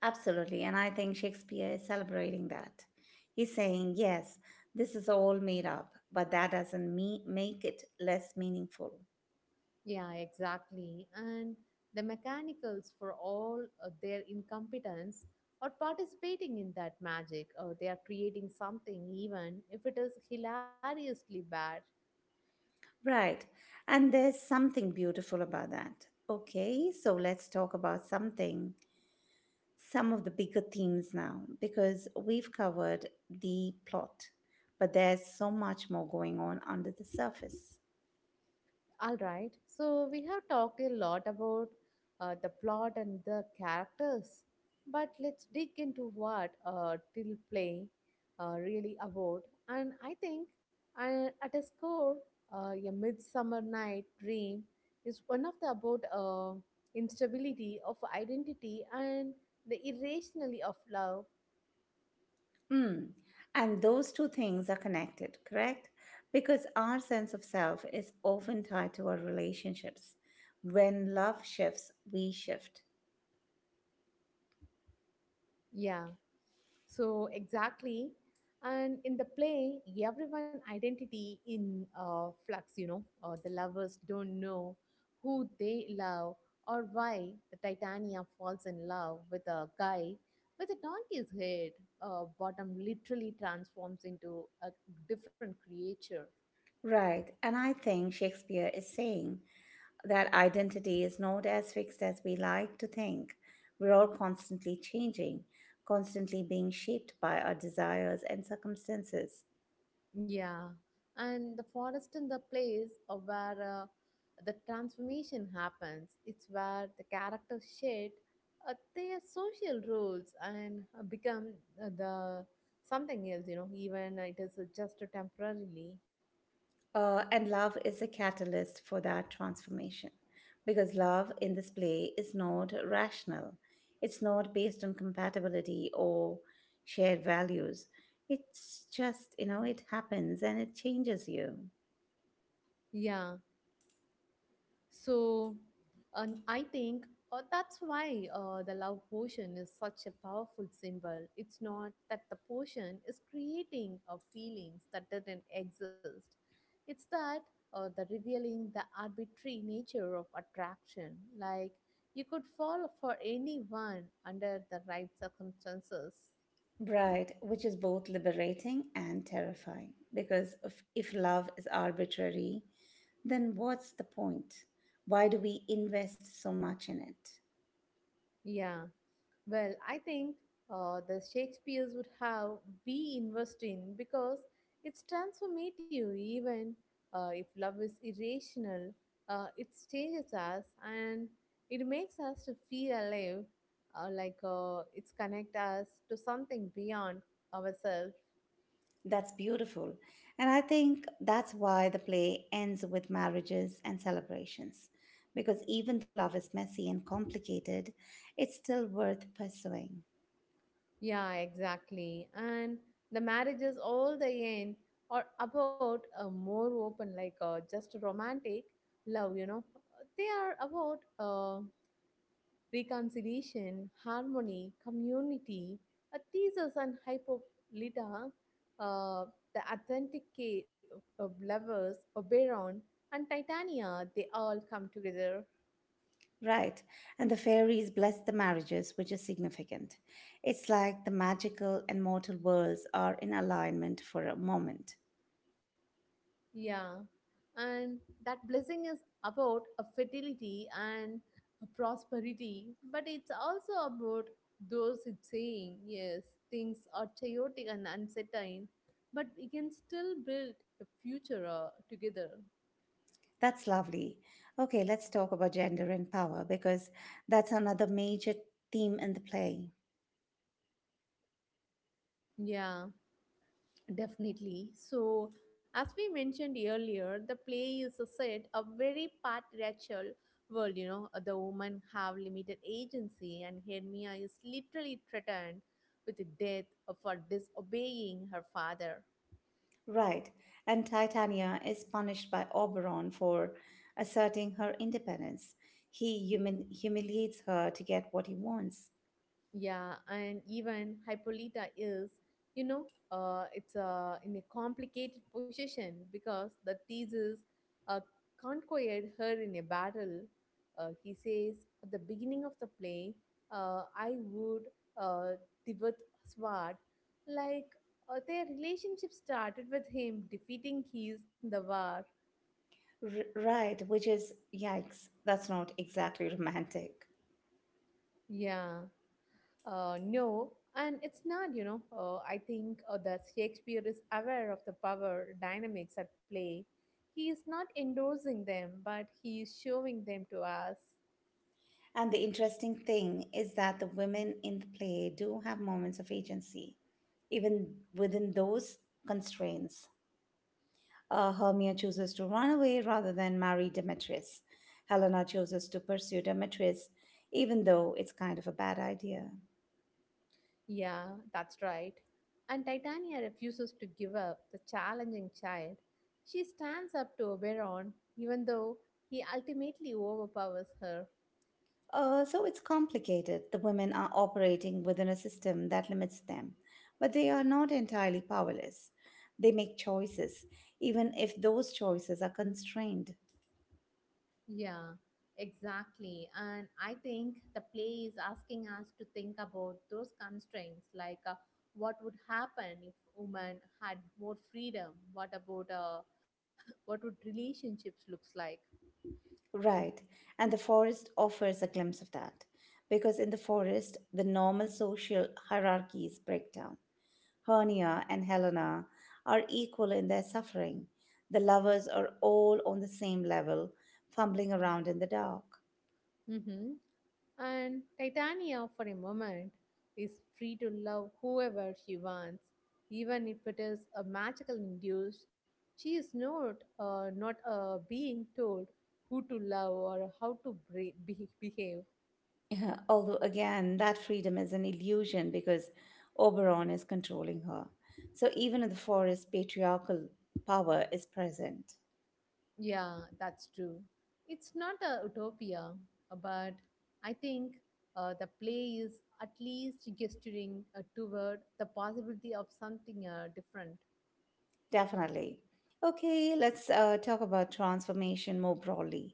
Speaker 1: Absolutely, and I think Shakespeare is celebrating that. He's saying, yes, this is all made up, but that doesn't me- make it less meaningful.
Speaker 2: Yeah, exactly. And the mechanicals, for all of their incompetence, are participating in that magic, or they are creating something, even if it is hilariously bad.
Speaker 1: Right, and there's something beautiful about that. Okay, so let's talk about something, some of the bigger themes now, because we've covered the plot, but there's so much more going on under the surface.
Speaker 2: All right. So we have talked a lot about uh, the plot and the characters, but let's dig into what uh, Till Play uh, really about. And I think uh, at a score, uh, a Midsummer Night Dream is one of the about uh, instability of identity and the irrationality of love.
Speaker 1: Mm. And those two things are connected, correct? Because our sense of self is often tied to our relationships. When love shifts, we shift.
Speaker 2: Yeah, so exactly, and in the play, everyone identity in uh, flux. You know, uh, the lovers don't know who they love or why the Titania falls in love with a guy with a donkey's head. Uh, bottom literally transforms into a different creature.
Speaker 1: Right. And I think Shakespeare is saying that identity is not as fixed as we like to think. We're all constantly changing, constantly being shaped by our desires and circumstances.
Speaker 2: Yeah, and the forest in the place of where uh, the transformation happens. It's where the character shed uh, their social roles and uh, become uh, the something else. You know, even it is uh, just temporarily.
Speaker 1: Uh, and love is a catalyst for that transformation because love in this play is not rational. It's not based on compatibility or shared values. It's just, you know, it happens and it changes you.
Speaker 2: Yeah. So um, I think uh, that's why uh, the love potion is such a powerful symbol. It's not that the potion is creating uh, feelings that didn't exist, it's that uh, the revealing the arbitrary nature of attraction. Like you could fall for anyone under the right circumstances.
Speaker 1: Right, which is both liberating and terrifying because if, if love is arbitrary, then what's the point? Why do we invest so much in it?
Speaker 2: Yeah. Well, I think uh, the Shakespeare's would have we invest in because it's transformative, even uh, if love is irrational, uh, it changes us and it makes us to feel alive, uh, like uh, it's connect us to something beyond ourselves.
Speaker 1: That's beautiful. And I think that's why the play ends with marriages and celebrations. Because even though love is messy and complicated, it's still worth pursuing.
Speaker 2: Yeah, exactly. And the marriages all the end are about a more open, like uh, just romantic love. You know, they are about. Uh, reconciliation, harmony, community, a thesis and Hippolyta, uh, the authentic ca- of lovers, Oberon, and Titania, they all come together.
Speaker 1: Right. And the fairies bless the marriages, which is significant. It's like the magical and mortal worlds are in alignment for a moment.
Speaker 2: Yeah. And that blessing is about a fertility and a prosperity, but it's also about those it's saying, yes, things are chaotic and uncertain, but we can still build a future uh, together.
Speaker 1: That's lovely. Okay, let's talk about gender and power because that's another major theme in the play.
Speaker 2: Yeah. Definitely. So, as we mentioned earlier, the play is a set a very patriarchal world. You know, the women have limited agency, and Hermia is literally threatened with death for disobeying her father.
Speaker 1: Right, and Titania is punished by Oberon for asserting her independence. He human humiliates her to get what he wants.
Speaker 2: Yeah, and even Hippolyta is, you know, uh, it's uh, in a complicated position because the thesis uh, conquered her in a battle. Uh, he says at the beginning of the play, uh, I would uh, Divat Swad, like uh, their relationship started with him defeating his in the war.
Speaker 1: R- right, which is yikes, that's not exactly romantic.
Speaker 2: Yeah. Uh, no, and it's not, you know. Uh, I think uh, that Shakespeare is aware of the power dynamics at play. He is not endorsing them, but he is showing them to us.
Speaker 1: And the interesting thing is that the women in the play do have moments of agency, even within those constraints. Uh, Hermia chooses to run away rather than marry Demetrius. Helena chooses to pursue Demetrius, even though it's kind of a bad idea.
Speaker 2: Yeah, that's right. And Titania refuses to give up the challenging child. She stands up to Oberon, even though he ultimately overpowers her.
Speaker 1: Uh, so it's complicated. The women are operating within a system that limits them, but they are not entirely powerless. They make choices, even if those choices are constrained.
Speaker 2: Yeah, exactly. And I think the play is asking us to think about those constraints like uh, what would happen if women had more freedom? What about uh, what would relationships looks like?
Speaker 1: Right, and the forest offers a glimpse of that, because in the forest, the normal social hierarchies break down. Hernia and Helena are equal in their suffering. The lovers are all on the same level, fumbling around in the dark.
Speaker 2: Hmm. And Titania, for a moment, is free to love whoever she wants, even if it is a magical induced. She is not uh, not uh, being told who to love or how to bre- be- behave.
Speaker 1: Although, again, that freedom is an illusion because Oberon is controlling her. So, even in the forest, patriarchal power is present.
Speaker 2: Yeah, that's true. It's not a utopia, uh, but I think uh, the play is at least gesturing uh, toward the possibility of something uh, different.
Speaker 1: Definitely. Okay, let's uh, talk about transformation more broadly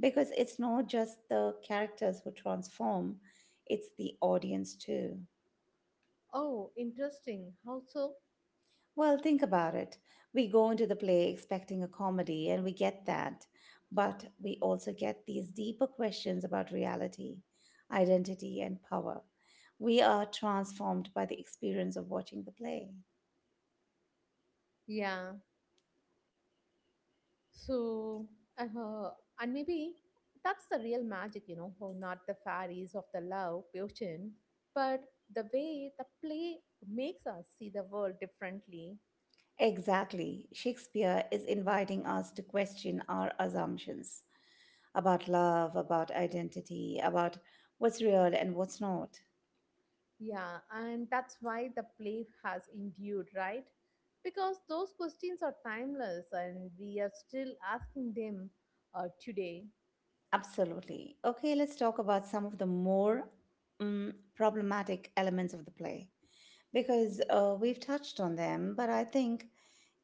Speaker 1: because it's not just the characters who transform, it's the audience too.
Speaker 2: Oh, interesting. How so?
Speaker 1: Well, think about it. We go into the play expecting a comedy, and we get that. But we also get these deeper questions about reality, identity, and power. We are transformed by the experience of watching the play.
Speaker 2: Yeah. So, uh, and maybe that's the real magic, you know, oh, not the fairies of the love potion, but the way the play makes us see the world differently.
Speaker 1: Exactly. Shakespeare is inviting us to question our assumptions about love, about identity, about what's real and what's not.
Speaker 2: Yeah, and that's why the play has endured, right? Because those questions are timeless and we are still asking them uh, today.
Speaker 1: Absolutely. Okay, let's talk about some of the more mm, problematic elements of the play, because uh, we've touched on them, but I think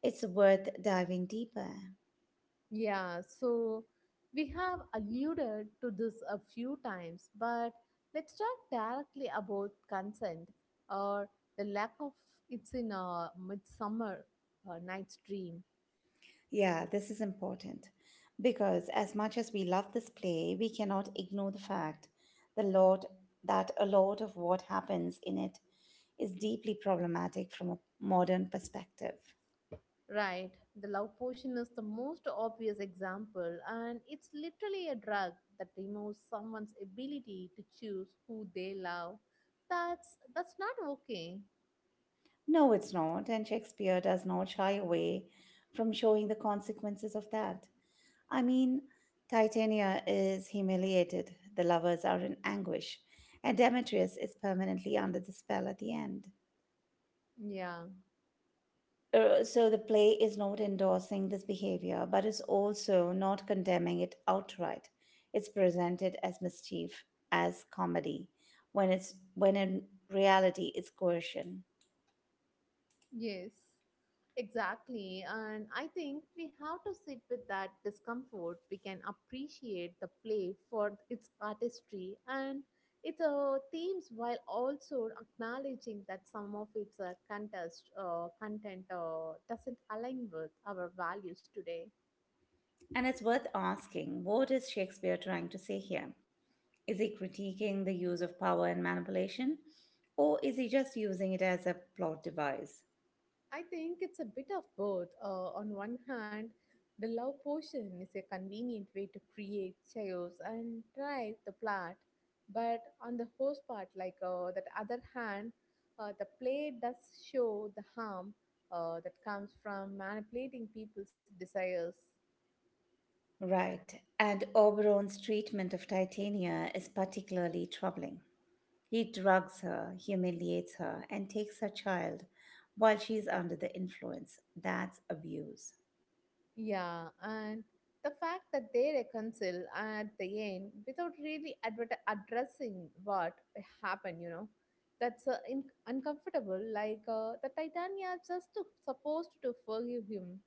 Speaker 1: it's worth diving deeper.
Speaker 2: Yeah, so we have alluded to this a few times, but let's talk directly about consent or the lack of it's in a midsummer uh, night's dream.
Speaker 1: Yeah, this is important because as much as we love this play, we cannot ignore the fact the lot that a lot of what happens in it is deeply problematic from a modern perspective.
Speaker 2: Right. The love potion is the most obvious example, and it's literally a drug that removes someone's ability to choose who they love. That's that's not okay.
Speaker 1: No, it's not, and Shakespeare does not shy away from showing the consequences of that. I mean, Titania is humiliated, the lovers are in anguish, and Demetrius is permanently under the spell at the end.
Speaker 2: Yeah.
Speaker 1: Uh, So the play is not endorsing this behavior, but is also not condemning it outright. It's presented as mischief, as comedy, when it's when in reality it's coercion.
Speaker 2: Yes, exactly. And I think we have to sit with that discomfort. We can appreciate the play for its artistry and its uh, themes while also acknowledging that some of its uh, contest, uh, content uh, doesn't align with our values today.
Speaker 1: And it's worth asking, what is Shakespeare trying to say here? Is he critiquing the use of power and manipulation? Or is he just using it as a plot device?
Speaker 2: I think it's a bit of both. Uh, on one hand, the love potion is a convenient way to create chaos and drive the plot, but on the host part, like uh, that other hand, uh, the play does show the harm uh, that comes from manipulating people's desires.
Speaker 1: Right, and Oberon's treatment of Titania is particularly troubling. He drugs her, humiliates her, and takes her child while she's under the influence. That's abuse.
Speaker 2: Yeah, and the fact that they reconcile at the end without really adver- addressing what happened, you know, that's uh, in- uncomfortable. Like uh, the Titania just to- supposed to forgive him.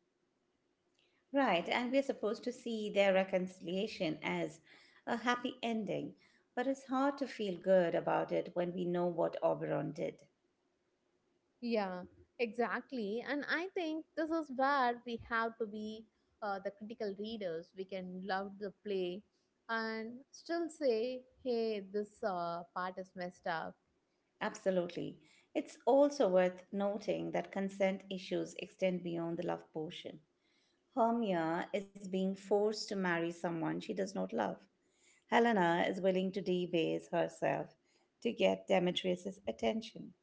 Speaker 1: Right, and we're supposed to see their reconciliation as a happy ending, but it's hard to feel good about it when we know what Oberon did.
Speaker 2: Yeah, exactly. And I think this is where we have to be uh, the critical readers. We can love the play and still say, hey, this uh, part is messed up.
Speaker 1: Absolutely. It's also worth noting that consent issues extend beyond the love portion. Hermia is being forced to marry someone she does not love. Helena is willing to debase herself to get Demetrius's attention.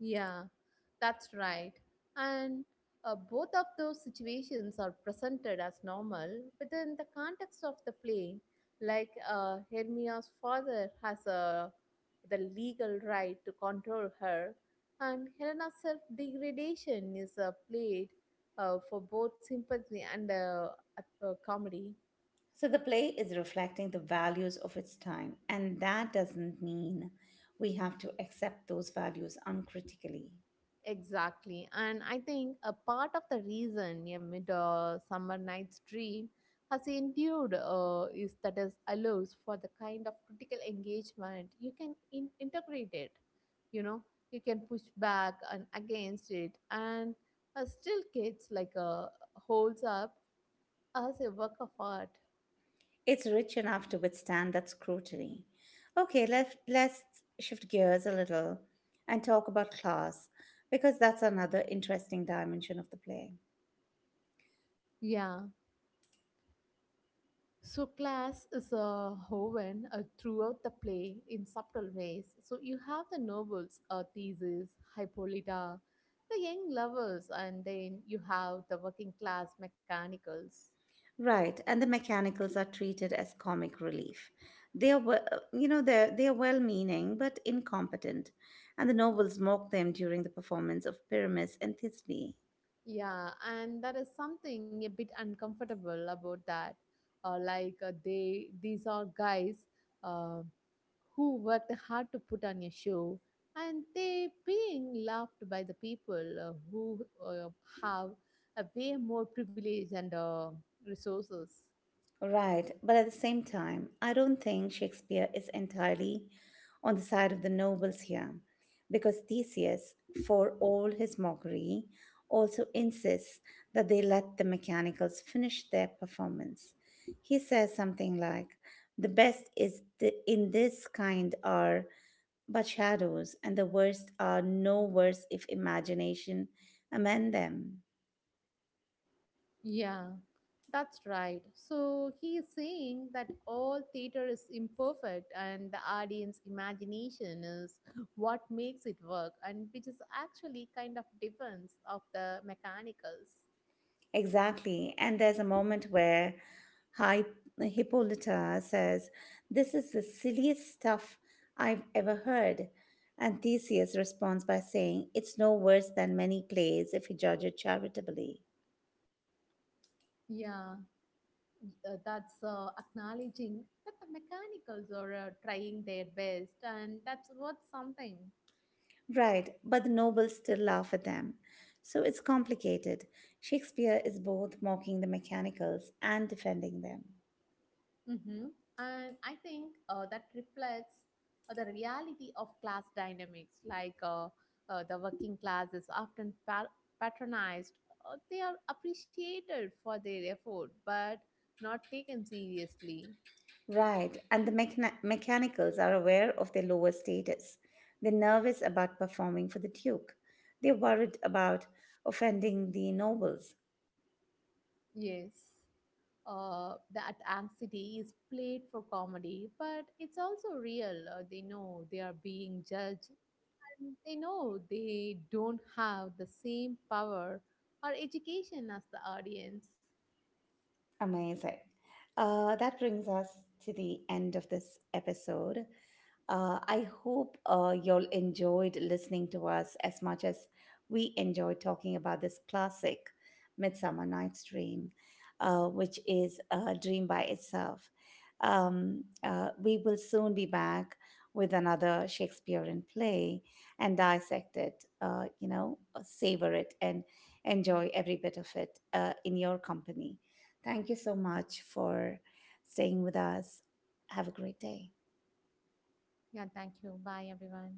Speaker 2: Yeah, that's right. And uh, both of those situations are presented as normal within the context of the play. Like uh, Hermia's father has uh, the legal right to control her, and Helena's self degradation is uh, played uh, for both sympathy and uh, uh, comedy.
Speaker 1: So the play is reflecting the values of its time, and that doesn't mean we have to accept those values uncritically.
Speaker 2: Exactly. And I think a part of the reason a mid uh, summer night's dream has endured uh, is that it allows for the kind of critical engagement you can in- integrate it. You know, you can push back and against it, and uh, still, kids like uh, holds up as a work of art.
Speaker 1: It's rich enough to withstand that scrutiny. Okay, let, let's shift gears a little and talk about class, because that's another interesting dimension of the play.
Speaker 2: Yeah. So class is uh, woven uh, throughout the play in subtle ways. So you have the nobles, uh, Theseus, Hippolyta, the young lovers, and then you have the working class mechanicals.
Speaker 1: Right, and the mechanicals are treated as comic relief. They are, we- uh, you know, they're, they are well-meaning but incompetent, and the nobles mock them during the performance of Pyramus and Thisbe.
Speaker 2: Yeah, and there is something a bit uncomfortable about that. Uh, like uh, they, these are guys. um who worked hard to put on a show and they being laughed by the people uh, who uh, have a way more privilege and uh, resources.
Speaker 1: Right, but at the same time, I don't think Shakespeare is entirely on the side of the nobles here, because Theseus, for all his mockery, also insists that they let the mechanicals finish their performance. He says something like, "The best is the, in this kind are but shadows, and the worst are no worse if imagination amend them."
Speaker 2: Yeah, that's right. So he is saying that all theater is imperfect and the audience imagination is what makes it work, and which is actually kind of defense of the mechanicals.
Speaker 1: Exactly. And there's a moment where Hi- Hippolyta says, "This is the silliest stuff I've ever heard." And Theseus responds by saying, "It's no worse than many plays if you judge it charitably."
Speaker 2: Yeah. Uh, that's uh, acknowledging that the mechanicals are uh, trying their best and that's worth something.
Speaker 1: Right, but the nobles still laugh at them. So it's complicated. Shakespeare is both mocking the mechanicals and defending them.
Speaker 2: Hmm. And I think uh, that reflects uh, the reality of class dynamics like uh, uh, the working class is often pa- patronized. Uh, they are appreciated for their effort but not taken seriously.
Speaker 1: Right, and the mechani- mechanicals are aware of their lower status. They're nervous about performing for the Duke. They're worried about offending the nobles.
Speaker 2: Yes. Uh, that anxiety is played for comedy, but it's also real. Uh, they know they are being judged, and they know they don't have the same power or education as the audience.
Speaker 1: Amazing. Uh, that brings us to the end of this episode. Uh, I hope uh, y'all enjoyed listening to us as much as we enjoyed talking about this classic Midsummer Night's Dream, uh, which is a dream by itself. Um, uh, we will soon be back with another Shakespearean play and dissect it, uh, you know, uh, savor it and enjoy every bit of it uh, in your company. Thank you so much for staying with us. Have a great day.
Speaker 2: Yeah, thank you. Bye, everyone.